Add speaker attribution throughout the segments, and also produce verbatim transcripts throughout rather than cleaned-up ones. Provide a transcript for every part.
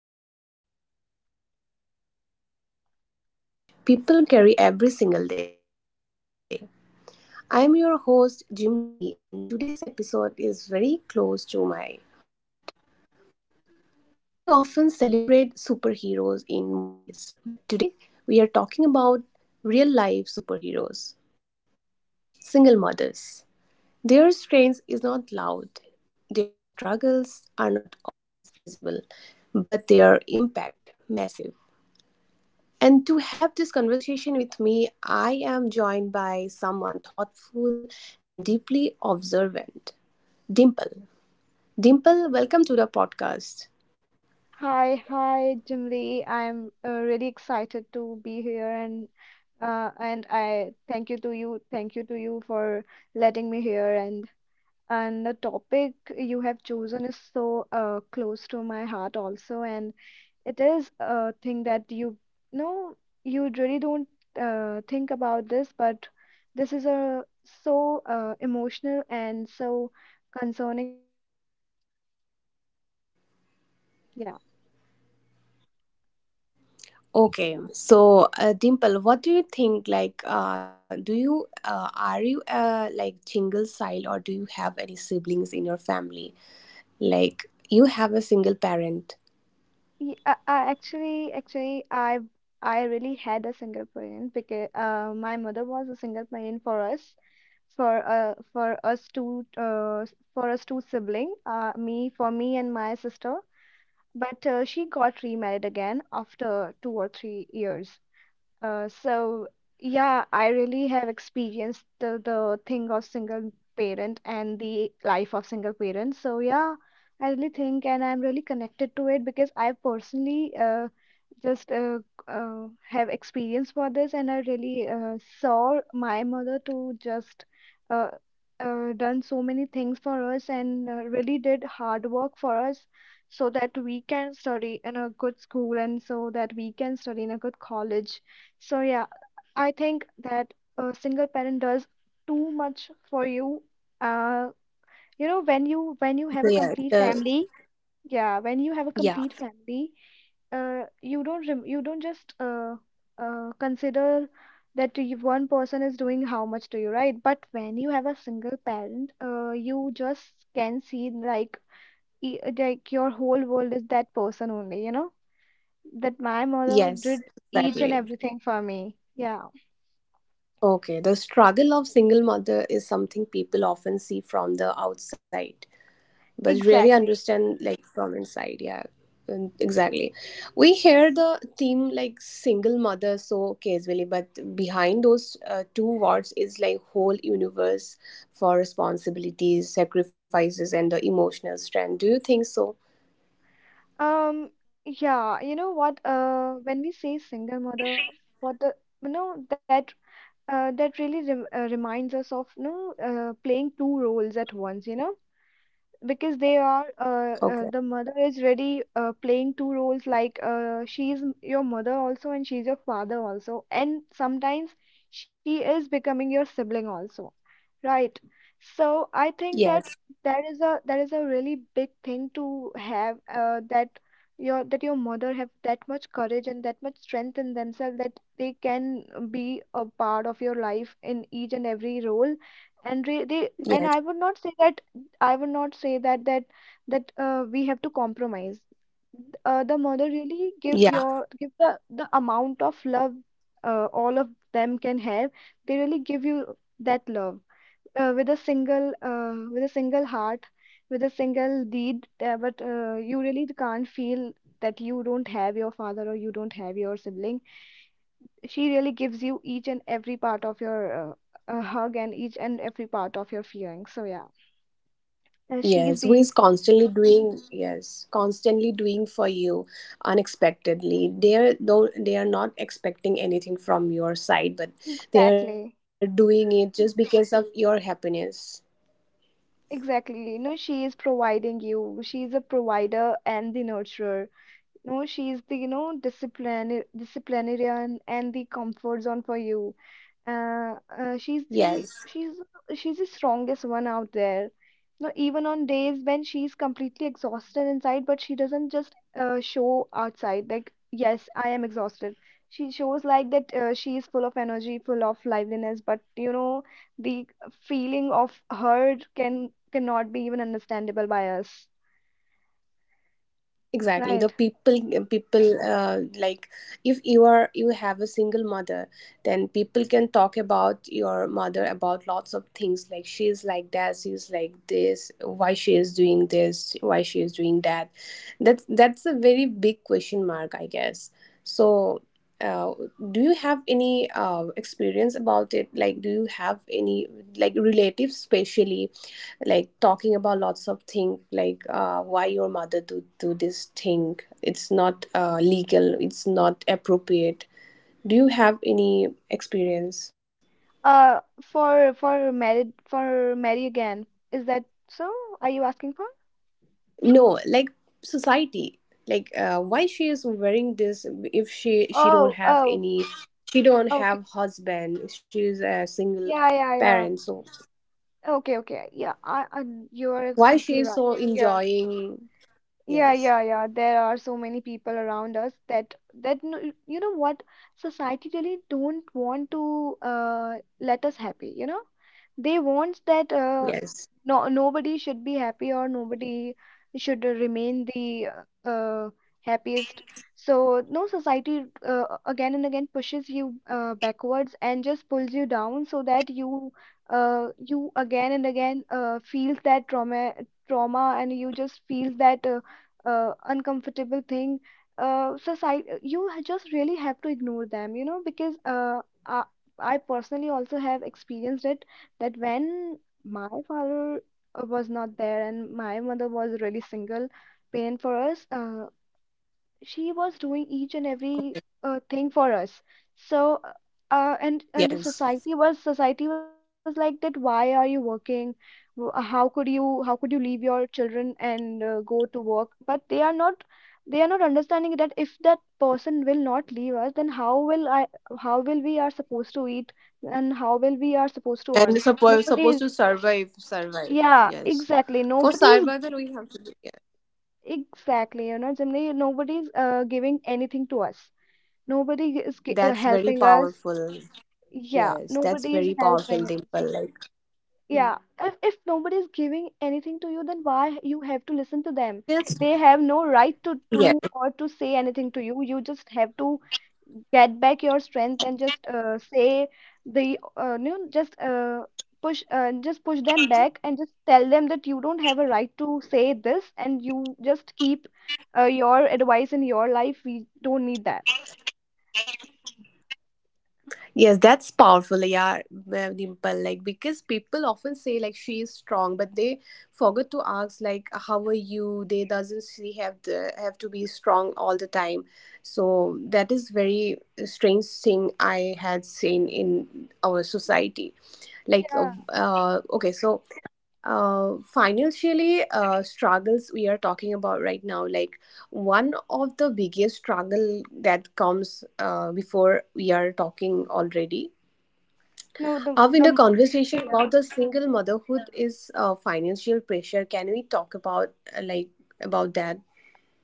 Speaker 1: Lives, real emotions, and a quiet courage people carry every single day. I'm your host, Jim Lee, and today's episode is very close to my heart. We often celebrate superheroes in movies, but today we are talking about real life superheroes, single mothers. Their strains is not loud, their struggles are not always visible, but their impact massive. And to have this conversation with me, I am joined by someone thoughtful and deeply observant, Dimple. Dimple, welcome to the podcast.
Speaker 2: Hi, hi, Jimli. I'm uh, really excited to be here and uh, and I thank you to you, thank you to you for letting me here and and the topic you have chosen is so uh, close to my heart also, and it is a thing that you know you really don't uh, think about this, but this is a so uh, emotional and so concerning topic for me. Yeah.
Speaker 1: Okay, so uh, Dimple, what do you think? Like, uh, do you uh, are you uh, like single child, or do you have any siblings in your family? Like you have a single parent.
Speaker 2: Yeah, uh, uh, actually, actually, I I really had a single parent, because uh, my mother was a single parent for us, for uh, for us two uh, s- for us two sibling, uh, me for me and my sister. But uh, she got remarried again after two or three years. Uh, so yeah, I really have experienced the, the thing of single parent and the life of single parent. So yeah, I really think, and I'm really connected to it, because I personally uh, just uh, uh, have experience for this. And I really uh, saw my mother to just uh, uh, done so many things for us, and uh, really did hard work for us so that we can study in a good school and so that we can study in a good college. So yeah, I think that a single parent does too much for you. Uh, you know, when you when you have
Speaker 1: So
Speaker 2: a
Speaker 1: yeah,
Speaker 2: complete
Speaker 1: the
Speaker 2: family, yeah, when you have a
Speaker 1: yeah,
Speaker 2: complete family, uh, you don't rem you don't just uh, uh, consider that to you- one person is doing how much to you, right? But when you have a single parent, uh, you just can see like e- like your whole world is that person only, you know? That my mother
Speaker 1: yes,
Speaker 2: did each and
Speaker 1: exactly.
Speaker 2: everything for me. Yeah.
Speaker 1: Okay, the struggle of single mother is something people often see from the outside, but really
Speaker 2: Exactly.
Speaker 1: understand like from inside. Yeah, and- exactly. We hear the theme like single mother so casually, but behind those uh, two words is like whole universe for responsibilities, sacrifices, and the emotional strength. Do you think so?
Speaker 2: Um, yeah, you know what, uh, when we say single mother, what the, you know, that, uh, that really rem uh, reminds us of, you know, uh, playing two roles at once, you know. Because they are
Speaker 1: Okay.
Speaker 2: uh, uh, the mother is really uh, playing two roles, like uh, she is m- your mother also, and she's your father also, and sometimes she is becoming your sibling also, right? So I think
Speaker 1: Yes.
Speaker 2: that that is a that is a really big thing to have, uh, that your that your mother have that much courage and that much strength in themselves that they can be a part of your life in each and every role. And re- they, and I would
Speaker 1: Yes.
Speaker 2: not say that I would not say that that that uh, we have to compromise. Uh, the mother really give
Speaker 1: Yeah.
Speaker 2: your give the the amount of love uh, all of them can have. They really give you that love uh, with a single uh, with a single heart, with a single deed. Uh, but uh, you really can't feel that you don't have your father or you don't have your sibling. She really gives you each and every part of your uh, uh, hug, and each and every part of your feeling. So yeah, uh, she is
Speaker 1: Yes, who
Speaker 2: the
Speaker 1: is constantly doing, yes, constantly doing for you unexpectedly. They are though they are not expecting anything from your side, but they are
Speaker 2: Exactly.
Speaker 1: doing it just because of your happiness.
Speaker 2: Exactly. You know, she is providing you. She is a provider and the nurturer. No, she's the, you know, discipline, disciplinarian and the comfort zone for you. Uh, uh, she's
Speaker 1: Yes,
Speaker 2: the she's she's the strongest one out there. No, even on days when she's completely exhausted inside, but she doesn't just uh, show outside like, yes, I am exhausted. She shows like that uh, she is full of energy, full of liveliness. But you know, the feeling of hurt can cannot be even understandable by us,
Speaker 1: exactly. The
Speaker 2: right?
Speaker 1: people, people uh, like, if you are you have a single mother, then people can talk about your mother about lots of things, like she's like that, she's like this, why she is doing this, why she is doing that. That's that's a very big question mark, I guess. So uh, do you have any uh, experience about it? Like you have any like relatives especially like talking about lots of thing, like uh, why your mother do do this thing, it's not uh, legal, it's not appropriate. Do you have any experience?
Speaker 2: Uh, for for married for marry again. Is that so? Are you asking for?
Speaker 1: No, like society, like uh, why she is wearing this, if she she don't
Speaker 2: Oh,
Speaker 1: have
Speaker 2: oh,
Speaker 1: any, she don't
Speaker 2: okay.
Speaker 1: have husband, she is a single
Speaker 2: Yeah, yeah,
Speaker 1: parent,
Speaker 2: yeah.
Speaker 1: so
Speaker 2: Okay, okay. Yeah, I, I you're
Speaker 1: why she
Speaker 2: absolutely
Speaker 1: is
Speaker 2: right.
Speaker 1: so
Speaker 2: Yeah.
Speaker 1: enjoying.
Speaker 2: Yeah,
Speaker 1: Yes,
Speaker 2: yeah, yeah. There are so many people around us that that n- you know what society really don't want to uh, let us happy. You know, they want that uh,
Speaker 1: yes,
Speaker 2: no nobody should be happy, or nobody should remain the uh, uh, happiest. So, no, society uh, again and again pushes you uh, backwards and just pulls you down, so that you uh, you again and again uh, feels that trauma trauma and you just feel that. Uh, uh, uncomfortable thing. Uh, society you ha- just really have to ignore them you know because uh, I, I personally also have experienced it, that when my father uh, was not there and my mother was really single parent for us, uh, she was doing each and every uh, thing for us. So uh, uh, and and the
Speaker 1: yes.
Speaker 2: society was society was like, that why are you working? W- uh, how could you, how could you leave your children and uh, go to work? But they are not, they are not understanding that if that person will not leave us, then how will i how will we are supposed to eat, and how will we are supposed to
Speaker 1: And
Speaker 2: earn?
Speaker 1: supposed
Speaker 2: Nobody
Speaker 1: supposed
Speaker 2: is
Speaker 1: to survive, survive.
Speaker 2: yeah,
Speaker 1: Yes,
Speaker 2: exactly,
Speaker 1: for
Speaker 2: nobody is
Speaker 1: survival we have to. do- Yeah.
Speaker 2: exactly, you know, generally nobody is uh, giving anything to us. Nobody is g- uh,
Speaker 1: That's very
Speaker 2: helping us.
Speaker 1: powerful.
Speaker 2: Yeah,
Speaker 1: Yes, that's
Speaker 2: nobody is
Speaker 1: very powerful,
Speaker 2: helping us.
Speaker 1: Dimple, like,
Speaker 2: Yeah, if if nobody is giving anything to you, then why you have to listen to them? They have no right to do or to say anything to
Speaker 1: yes,
Speaker 2: you. You just have to get back your strength and just uh, say the uh, you know, just uh, push uh, just push them back, and just tell them that you don't have a right to say this, and you just keep uh, your advice in your life. We don't need that.
Speaker 1: yes, that's powerful, yeah, uh, Dimple. Like, because people often say like she is strong, but they forget to ask like how are you? They doesn't, she have the have to be strong all the time. So that is very strange thing I had seen in our society. Like uh,
Speaker 2: Yeah.
Speaker 1: uh, okay, so uh, financially uh, struggles we are talking about right now, like one of the biggest struggle that comes uh, before. We are talking already
Speaker 2: No, the
Speaker 1: uh, in the
Speaker 2: the
Speaker 1: conversation about
Speaker 2: Yeah,
Speaker 1: the single motherhood is uh, financial pressure. Can we talk about uh, like about that?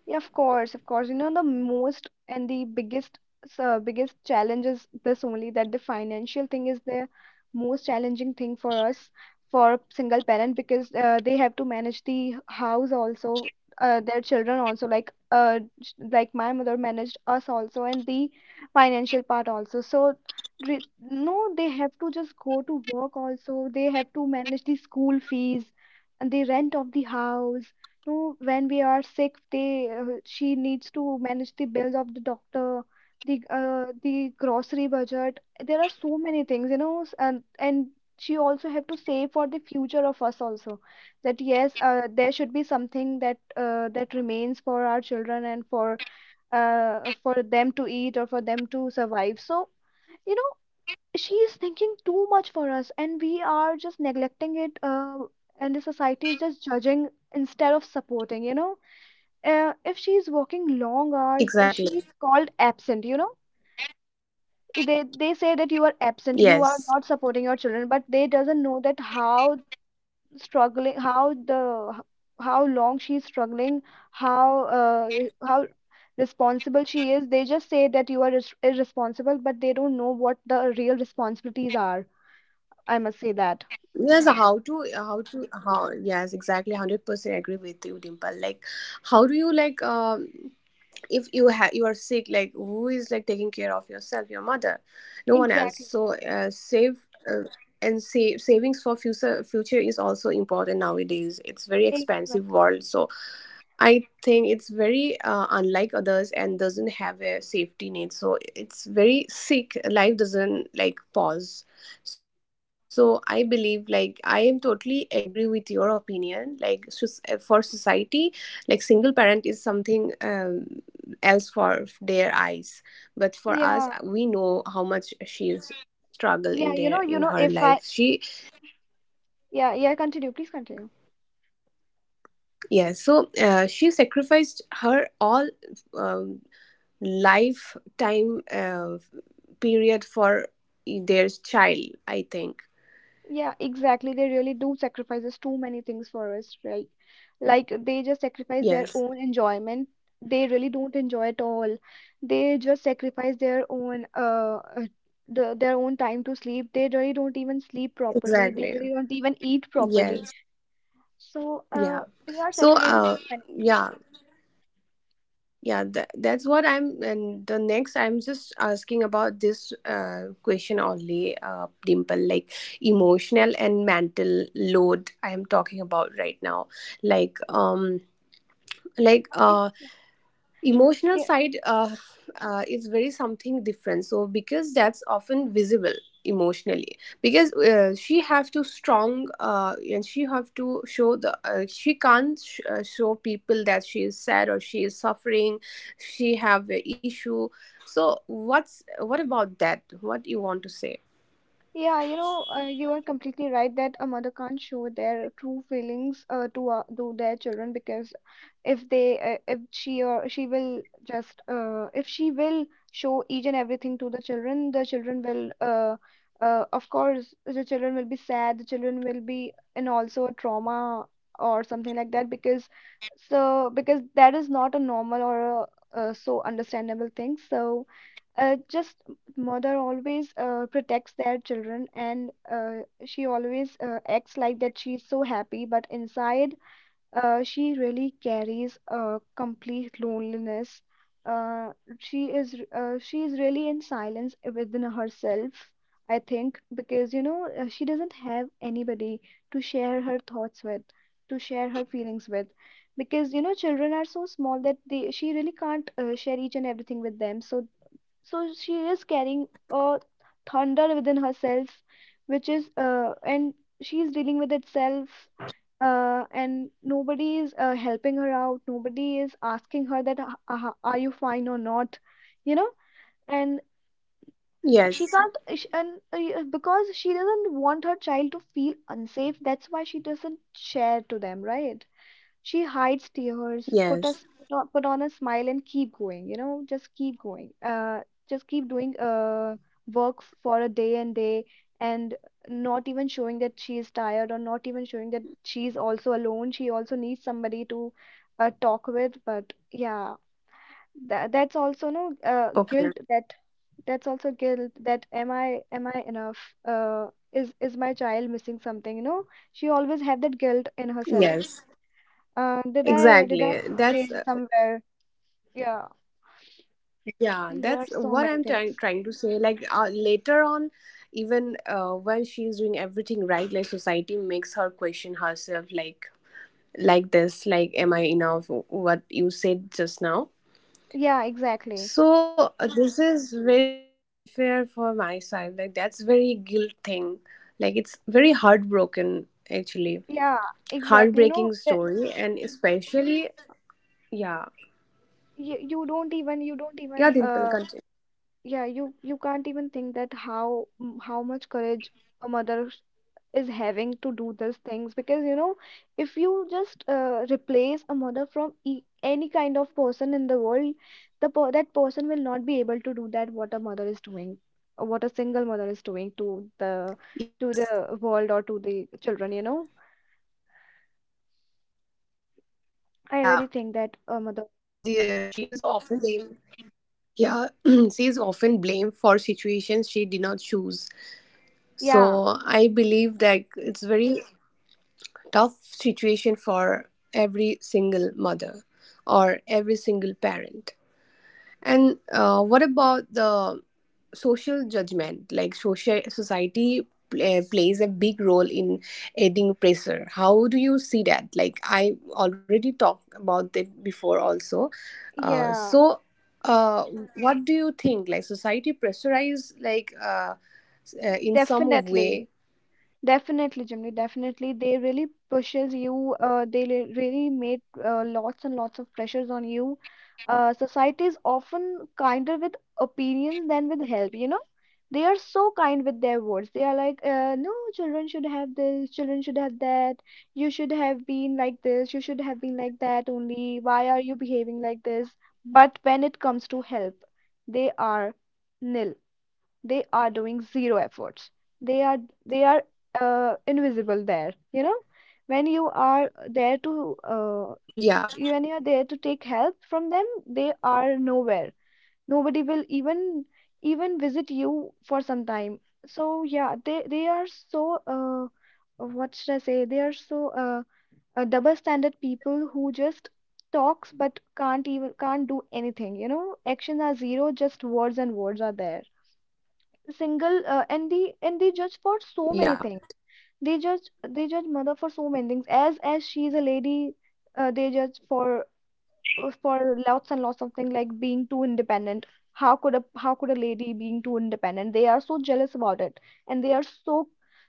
Speaker 2: yeah, of course, of course. You know, the most and the biggest, uh, biggest challenge is this only, that the financial thing is the most challenging thing for us, for single parent, because uh, they have to manage the house also, uh, their children also. Like, uh, sh- like my mother managed us also, and the financial part also. So, re no, they have to just go to work also. They have to manage the school fees and the rent of the house. No, when we are sick, they uh, she needs to manage the bills of the doctor, the uh, the grocery budget. There are so many things, you know, s- and and she also have to save for the future of us also. That yes, uh, there should be something that uh, that remains for our children, and for uh, for them to eat, or for them to survive. So, you know, she is thinking too much for us, and we are just neglecting it. Uh, and the society is just judging instead of supporting you know uh, if she's working long
Speaker 1: Exactly.
Speaker 2: hours, uh, she's called absent, you know. I- They they say that you are
Speaker 1: Yes,
Speaker 2: absent, you are not supporting your children, but they doesn't know that how struggling, how the h- how long she's struggling, how uh, how responsible she is. They just say that you are irres- irresponsible, but they don't know what the real responsibilities are. I must say
Speaker 1: yes,
Speaker 2: that.
Speaker 1: how to, how to, how, yes, exactly, a hundred percent agree with you, Dimple. Like, how do you, like, um if you have you are sick, like who is like taking care of yourself? Your mother, no one else.
Speaker 2: Exactly.
Speaker 1: So uh, save uh, and save savings for future future is also important nowadays. It's very expensive
Speaker 2: Exactly.
Speaker 1: world. So I think it's very uh, unlike others and doesn't have a safety net. So it's very sick. Life doesn't like pause. So I believe, like, I am totally agree with your opinion. Like, soc- eh, for society, like single parent is something, um, else for their eyes. But for us, we
Speaker 2: Yeah.
Speaker 1: know how much she's struggle in their,
Speaker 2: Yeah,
Speaker 1: in
Speaker 2: you know,
Speaker 1: her
Speaker 2: you know,
Speaker 1: life.
Speaker 2: if I
Speaker 1: She,
Speaker 2: yeah, yeah, continue, please continue.
Speaker 1: yeah. So uh, she sacrificed her all, um lifetime uh, period for, e, their child, I think.
Speaker 2: Yeah, exactly. They really do sacrifices too many things for us, right? Like, they just sacrifice their
Speaker 1: Yes,
Speaker 2: own enjoyment. They really don't enjoy at all. They just sacrifice their own uh uh, the, their own time to sleep. They really don't even sleep properly. They
Speaker 1: exactly,
Speaker 2: really don't even eat properly.
Speaker 1: yes,
Speaker 2: So
Speaker 1: yeah.
Speaker 2: uh, they are
Speaker 1: So
Speaker 2: sacrificing
Speaker 1: uh
Speaker 2: benefits.
Speaker 1: yeah, yeah, that, that's what I'm, and the next, I'm just asking about this uh, question only, uh, Dimple. Like, emotional and mental load I am talking about right now, like um like uh
Speaker 2: Exactly.
Speaker 1: emotional side uh, uh, is very something different, so because that's often visible emotionally, because uh, she have to strong, uh, and she have to show the, uh, she can't sh- uh, show people that she is sad or she is suffering, she have a issue. So what's, what about that, what you want to say?
Speaker 2: Yeah, you know, uh, you are completely right, that a mother can't show their true feelings uh, to uh, to their children, because if they uh, if she or she will just uh, if she will show each and everything to the children, the children will uh, uh, of course the children will be sad, the children will be in also a trauma or something like that, because so because that is not a normal or a, uh so understandable thing. So uh, just mother always uh, protects their children, and uh, she always uh, acts like that she's so happy, but inside, uh, she really carries a complete loneliness. uh, she is r- uh, she is really in silence within herself, I think, because you know uh, she doesn't have anybody to share her thoughts with, to share her feelings with, because you know children are so small that they she really can't uh, share each and everything with them, so so she is carrying a thunder within herself, which is, uh, and she's dealing with itself. Uh, and nobody is uh, helping her out, nobody is asking her that, "Ah, ah, are you fine or not, you know?" And she
Speaker 1: Yes,
Speaker 2: can't sh- and uh, because she doesn't want her child to feel unsafe, that's why she doesn't share to them, right? She hides tears, put
Speaker 1: yes,
Speaker 2: us put on, put on a smile and keep going, you know, just keep going. Uh, just keep doing uh work for a day and day, and not even showing that she is tired, or not even showing that she's also alone. She also needs somebody to uh, talk with, but yeah. That, that's also no uh,
Speaker 1: okay,
Speaker 2: guilt, that that's also guilt, that am I am I enough, uh, is is my child missing something, you know? She always had that guilt in herself.
Speaker 1: yes,
Speaker 2: Uh, did I did I
Speaker 1: exactly, that's,
Speaker 2: see somewhere? Yeah,
Speaker 1: yeah,
Speaker 2: there are
Speaker 1: that's
Speaker 2: so
Speaker 1: what
Speaker 2: many
Speaker 1: I'm trying
Speaker 2: things.
Speaker 1: trying to say. Like, uh, later on, even uh, when she's doing everything right, like society makes her question herself, like like this, like am I enough? What you said just now.
Speaker 2: Yeah, exactly.
Speaker 1: So uh, this is very unfair for my side. Like, that's very guilt thing. Like, it's very heartbroken actually,
Speaker 2: Yeah, exactly. You know
Speaker 1: heartbreaking
Speaker 2: that
Speaker 1: story, and especially, yeah,
Speaker 2: you, you don't even, you don't
Speaker 1: yeah.
Speaker 2: even
Speaker 1: Dimple,
Speaker 2: uh
Speaker 1: continue.
Speaker 2: yeah, you you can't even think that how m- how much courage a mother is having to do these things, because you know if you just uh, replace a mother from e- any kind of person in the world, the per- that person will not be able to do that what a mother is doing, or what a single mother is doing to the, to
Speaker 1: Yes.
Speaker 2: the world or to the children, you know.
Speaker 1: Yeah,
Speaker 2: I really
Speaker 1: because
Speaker 2: think that
Speaker 1: especially
Speaker 2: a mother.
Speaker 1: because the, uh, she is often blamed. Yeah, she is often blamed for situations she did choose.
Speaker 2: Yeah,
Speaker 1: So I believe that it's very tough situation for every single mother or every single parent. And uh, what about the social judgment, like social society pl- uh, plays a big role in adding pressure? How do you see that? Like, I already talked about it before also,
Speaker 2: yeah.
Speaker 1: uh, so uh, what do you think, like society pressurize like, uh, s- uh, in
Speaker 2: Definitely.
Speaker 1: some way.
Speaker 2: Definitely, Jimmy. Definitely, they really pushes you. Uh, they li- really made uh, lots and lots of pressures on you. Uh, society is often kinder with opinions than with help. You know, they are so kind with their words. They are like, uh, no, children should have this, children should have that. You should have been like this. You should have been like that only. Why are you behaving like this? But when it comes to help, they are nil. They are doing zero efforts. They are, they are uh, invisible there,
Speaker 1: Yeah,
Speaker 2: you know, when you are there to, uh,
Speaker 1: yeah,
Speaker 2: you- when you are there to take help from them, they are nowhere. Nobody will even even visit you for some time. So yeah, they they are so, uh, what should I say, they are so uh, uh, double standard people who just talks but can't even can't do anything, you know. Actions are zero, just words, and words are there. Single, uh, and they and they judge for
Speaker 1: yeah.
Speaker 2: so many things. they judge they judge mother for so many things, as as she is a lady. Uh, they judge for, uh, for lots and lots of things, like being too independent. How could a how could a lady being too independent? They are so jealous about it, and they are so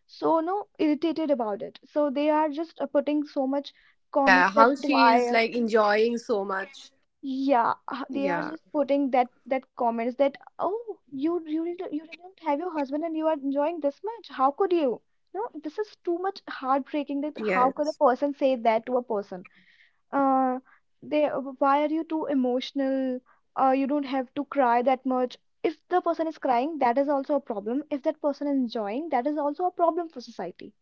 Speaker 2: so, no, irritated about it, so they are just uh, putting so much
Speaker 1: Uh, yeah,
Speaker 2: comments,
Speaker 1: how
Speaker 2: that
Speaker 1: she
Speaker 2: why.
Speaker 1: is like enjoying so much,
Speaker 2: Yeah, uh, they are just
Speaker 1: yeah,
Speaker 2: putting that that comments, that, "Oh, you you really don't- you really don't have your husband, and you are enjoying this much. How could you?" No, this is too much heartbreaking, that how could a person
Speaker 1: yes,
Speaker 2: say that to a person? Uh, they uh, Why are you too emotional? Uh, you don't have to cry that much. If the person is crying, that is also a problem. If that person is enjoying, that is also a problem for society.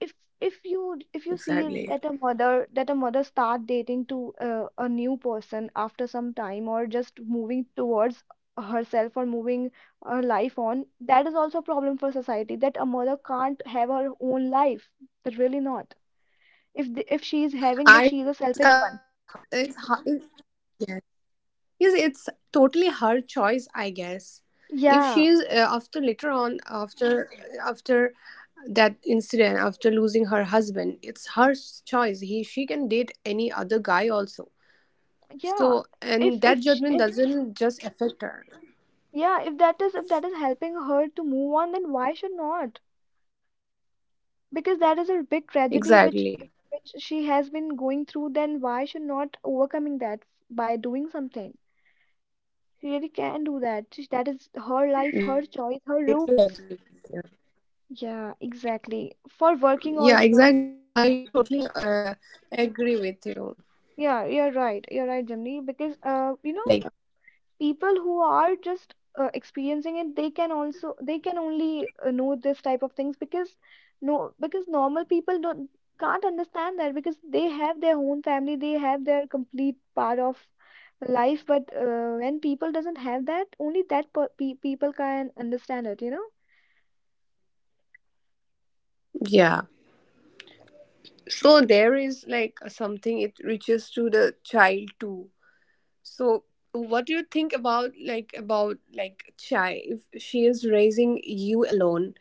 Speaker 2: If if you if you see that a
Speaker 1: exactly.
Speaker 2: mother that a mother start dating to uh, a new person after some time, or just moving towards herself, or moving her life on, that is also a problem for society, that a mother can't have her own life. But really not. If the, if she is
Speaker 1: I
Speaker 2: having
Speaker 1: think
Speaker 2: that,
Speaker 1: it's
Speaker 2: she is
Speaker 1: uh,
Speaker 2: a
Speaker 1: it's
Speaker 2: selfish one.
Speaker 1: it's, it's yes, it's totally her choice, I guess. If she's
Speaker 2: Yeah,
Speaker 1: uh, after, later on, after, after that incident, after losing her husband, it's her choice. He she can date any other guy also.
Speaker 2: yeah.
Speaker 1: So,
Speaker 2: if if
Speaker 1: and
Speaker 2: sh-
Speaker 1: that
Speaker 2: if
Speaker 1: judgment doesn't just affect her.
Speaker 2: Yeah. If that is if that is helping her to move on, then why should not? Because that is a big tragedy, which
Speaker 1: Exactly.
Speaker 2: which she has been going through, then why she not overcoming that by doing something? She really can do that. She- that is
Speaker 1: Yeah,
Speaker 2: her
Speaker 1: I
Speaker 2: life,
Speaker 1: totally
Speaker 2: her
Speaker 1: agree
Speaker 2: choice, her
Speaker 1: with you.
Speaker 2: rules. Yeah, exactly.
Speaker 1: Yeah,
Speaker 2: For
Speaker 1: exactly,
Speaker 2: working
Speaker 1: I
Speaker 2: also.
Speaker 1: totally uh, agree with you.
Speaker 2: Yeah, you're right you're right, Jimmy, because,
Speaker 1: Like,
Speaker 2: uh you know, people who are just uh, experiencing it, they can also they can only uh, know this type of things, because no, because normal people don't can't understand that, because they have their own family, they have their complete part of life. But uh, when people doesn't have that, only that per- pe- people can understand it, you know.
Speaker 1: yeah. So there is like something, it reaches to the child too. So, do you think about like about like Chai? If she is raising you alone,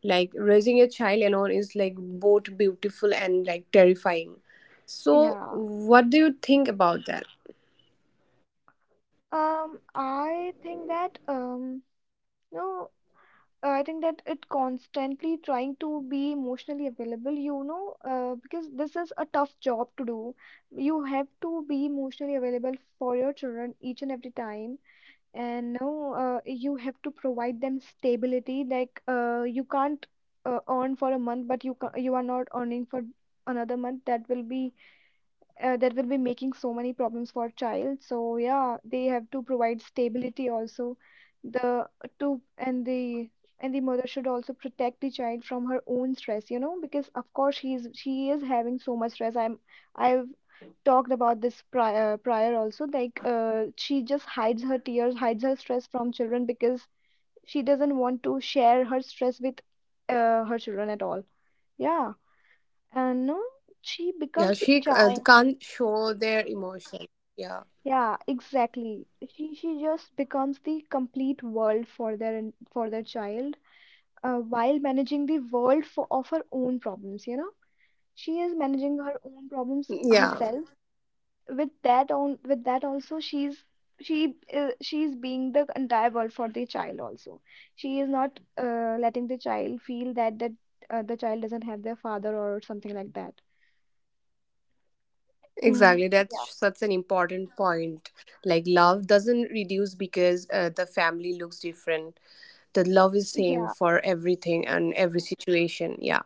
Speaker 1: like raising a child alone is like both beautiful and like terrifying. So,
Speaker 2: Yeah.
Speaker 1: what do you think about that?
Speaker 2: um I think that, um no, uh, I think that it constantly trying to be emotionally available, you know, uh, because this is a tough job to do. You have to be emotionally available for your children each and every time, and no, uh, you have to provide them stability. Like, uh, you can't uh, earn for a month, but you ca you are not earning for another month. That will be uh, that will be making so many problems for child, so yeah, they have to provide stability also. The to and the and the mother should also protect the child from her own stress, you know, because of course she is she is having so much stress. i'm I've talked about this prior prior also, like, uh, she just hides her tears, hides her stress from children, because she doesn't want to share her stress with, uh, her children at all. Yeah. And no, she
Speaker 1: Yeah,
Speaker 2: becomes
Speaker 1: she
Speaker 2: the
Speaker 1: uh,
Speaker 2: child.
Speaker 1: can't show their emotion. Yeah.
Speaker 2: Yeah, exactly. She she just becomes the complete world for their for their child, uh, while managing the world for of her own problems. You know, she is managing her own problems
Speaker 1: Yeah,
Speaker 2: herself. With that on with that also, she's she uh, she's being the entire world for the child also. She is not uh, letting the child feel that that uh, the child doesn't have their father or something like that. Mm,
Speaker 1: exactly.
Speaker 2: yeah,
Speaker 1: That's such an important point. Like, love doesn't reduce because uh, the family looks different. The love is same
Speaker 2: yeah,
Speaker 1: for everything and every situation. Yeah.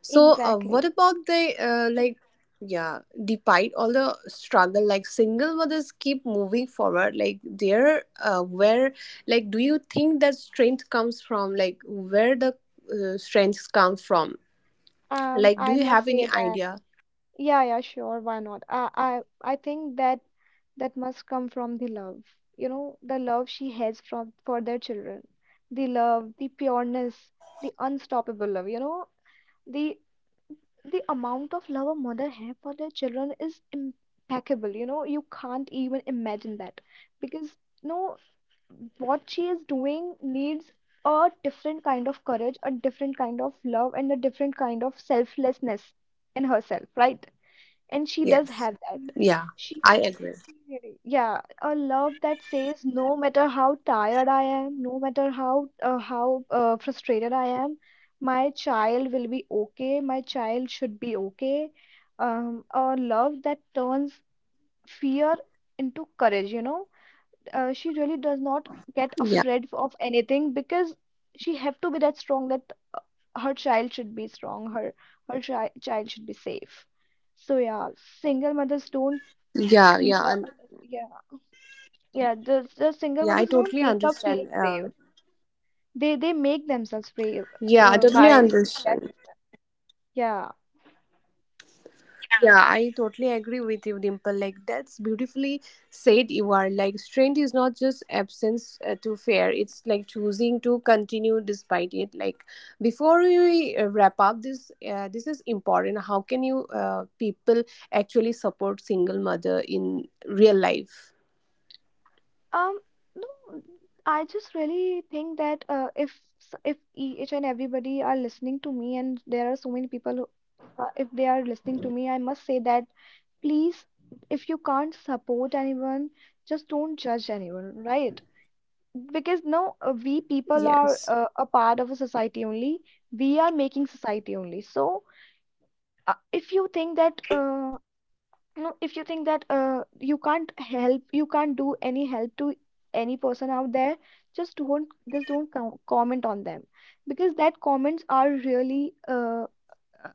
Speaker 1: So, uh, what
Speaker 2: exactly.
Speaker 1: about the uh, like, yeah, despite all the struggle, like single mothers keep moving forward. Like, there, uh, where, like, do you think that strength comes from? Like, where the uh, strengths come from?
Speaker 2: Um,
Speaker 1: Like, do
Speaker 2: I
Speaker 1: you
Speaker 2: must
Speaker 1: have
Speaker 2: say
Speaker 1: any
Speaker 2: that.
Speaker 1: idea?
Speaker 2: Yeah, yeah, sure. Why not? I, I, I think that that must come from the love. You know, the love she has from for their children, the love, the pureness, the unstoppable love. You know, the the amount of love a mother have for their children is impeccable. You know, you can't even imagine that, because no, what she is doing needs a different kind of courage, a different kind of love, and a different kind of selflessness in herself, right? And she does
Speaker 1: Yes.
Speaker 2: have that.
Speaker 1: Yeah,
Speaker 2: she
Speaker 1: I agree.
Speaker 2: she really. Yeah. A love that says no matter how tired I am, no matter how uh, how uh, frustrated I am, my child will be okay, my child should be okay. um a love that turns fear into courage, you know. Uh, she really does not get
Speaker 1: Yeah,
Speaker 2: afraid of anything, because she have to be that strong, that uh, her child should be strong, her her chi- child should be safe. So yeah, single mothers don't
Speaker 1: yeah,
Speaker 2: keep,
Speaker 1: yeah,
Speaker 2: uh,
Speaker 1: and
Speaker 2: uh, yeah. Yeah, the, the single
Speaker 1: yeah, I
Speaker 2: mothers don't
Speaker 1: totally
Speaker 2: wake up
Speaker 1: understand.
Speaker 2: feeling
Speaker 1: Uh,
Speaker 2: brave, they they make themselves brave,
Speaker 1: yeah, I
Speaker 2: uh,
Speaker 1: totally
Speaker 2: by seeing that,
Speaker 1: understand.
Speaker 2: yeah.
Speaker 1: Yeah, I totally agree with you, Dimple. Like, that's beautifully said, you are. Like, strength is not just absence uh, to fear, it's like choosing to continue despite it. Like, before we uh, wrap up this, uh, this is important. How can you uh, people actually support single mother in real life?
Speaker 2: Um, no, I just really think that, uh, if s- if e, each and everybody are listening to me, and there are so many people who, uh, if they are listening to me, I must say that please, if you can't support anyone, just don't judge anyone, right? Because no, uh, we people are
Speaker 1: Yes.
Speaker 2: uh, a part of a society only. We are making society only. So uh, if you think that uh, no, if you think that uh, you can't help, you can't do any help to any person out there, just don't, just don't com comment on them, because that comments are really, uh,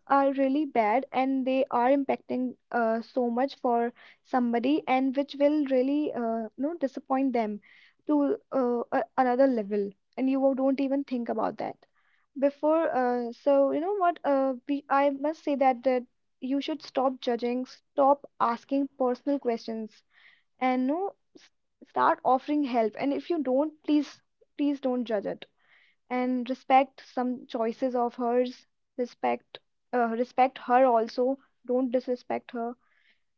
Speaker 2: are really bad, and they are impacting uh, so much for somebody, and which will really, uh, no, disappoint them to uh, a another level. And you won't- don't even think about that. Before, uh, so, you know what? Uh, we, I must say that that you should stop judging, stop asking personal questions, and no, s- start offering help. And if you don't, please, please don't judge it. And respect some choices of hers. Respect, uh, respect her also. Don't disrespect her.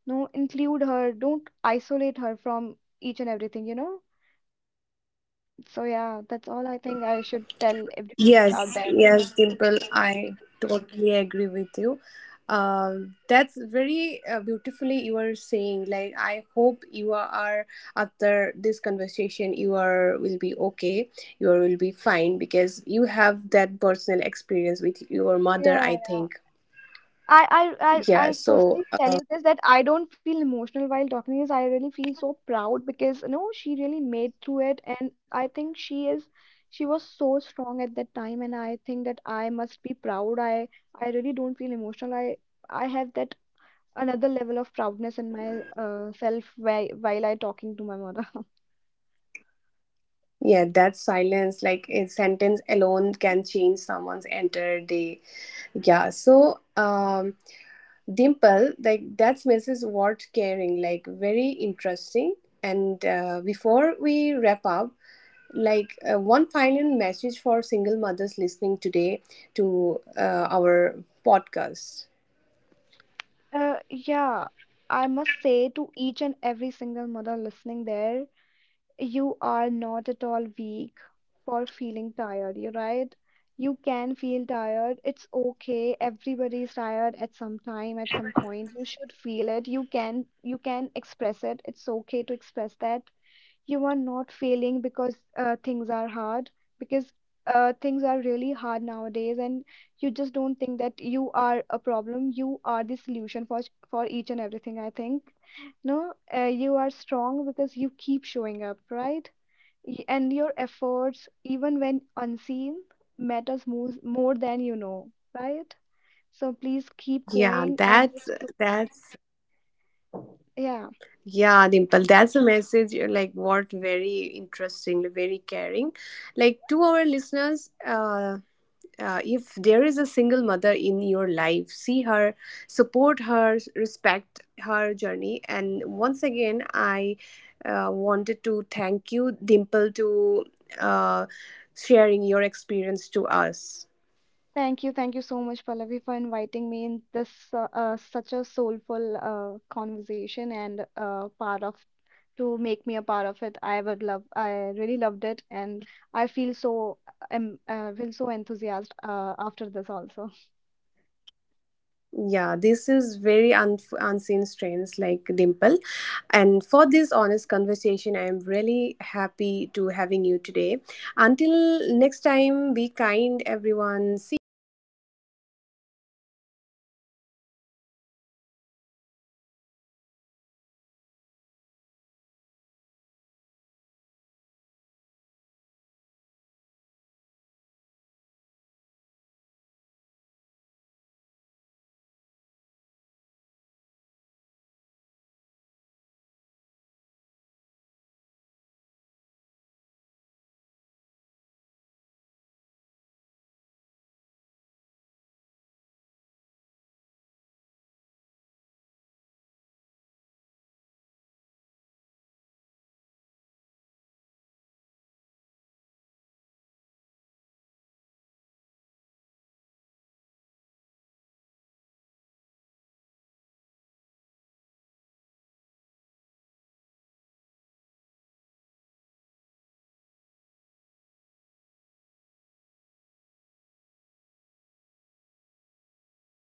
Speaker 2: No, include her. Don't isolate her from each and everything. You know. So yeah, that's all I think I should tell everybody
Speaker 1: Yes,
Speaker 2: out there.
Speaker 1: yes, Dimple, I totally agree with you. Um, that's very uh, beautifully you are saying. Like, I hope you are, after this conversation, you are will be okay. You are, will be fine because you have that personal experience with your
Speaker 2: Yeah,
Speaker 1: mother, I
Speaker 2: yeah.
Speaker 1: think.
Speaker 2: I, I, I, I
Speaker 1: Yeah.
Speaker 2: personally
Speaker 1: So,
Speaker 2: tell you
Speaker 1: Uh,
Speaker 2: this, that I don't feel emotional while talking to this. I really feel so proud, because you know, she really made through it, and I think she is, she was so strong at that time, and I think that I must be proud. I, I really don't feel emotional. I, I have that another level of proudness in my uh, self, while while I talking to my mother.
Speaker 1: yeah, that silence, like a sentence alone, can change someone's entire day. Yeah. So, Um Dimple, like that's missus Ward caring, like very interesting. And uh, before we wrap up, like uh, one final message for single mothers listening today to uh, our podcast.
Speaker 2: Uh, yeah, I must say to each and every single mother listening there. You are not at all weak for feeling tired, you're right. You can feel tired. It's okay. Everybody's tired at some time, at some point. You should feel it. You can you can express it. It's okay to express that. You are not failing because uh, things are hard, because uh, things are really hard nowadays, and you just don't think that you are a problem. You are the solution for, for each and everything, I think. No, uh, you are strong because you keep showing up, right? Y- and your efforts, even when unseen, matters more, more than you know, right? So please keep
Speaker 1: Yeah,
Speaker 2: going and
Speaker 1: that's
Speaker 2: just don't.
Speaker 1: that's
Speaker 2: Yeah.
Speaker 1: yeah, Dimple. That's a message, uh, like what, very interesting, very caring. Like, to our listeners, uh, uh, if there is a single mother in your life, see her, support her, respect her journey. And once again, I uh, wanted to thank you, Dimple, to uh, sharing your experience to us.
Speaker 2: Thank you. Thank you so much, Pallavi, for inviting me in this uh, uh, such a soulful uh, conversation, and uh, part of to make me a part of it. I would love. I really loved it, and I feel so um, uh, feel so enthusiastic uh, after this also.
Speaker 1: Yeah, this is very un- unseen strains, like, Dimple, and for this honest conversation, I am really happy to having you today. Until next time, be kind everyone, see you.
Speaker 2: Yeah, bye.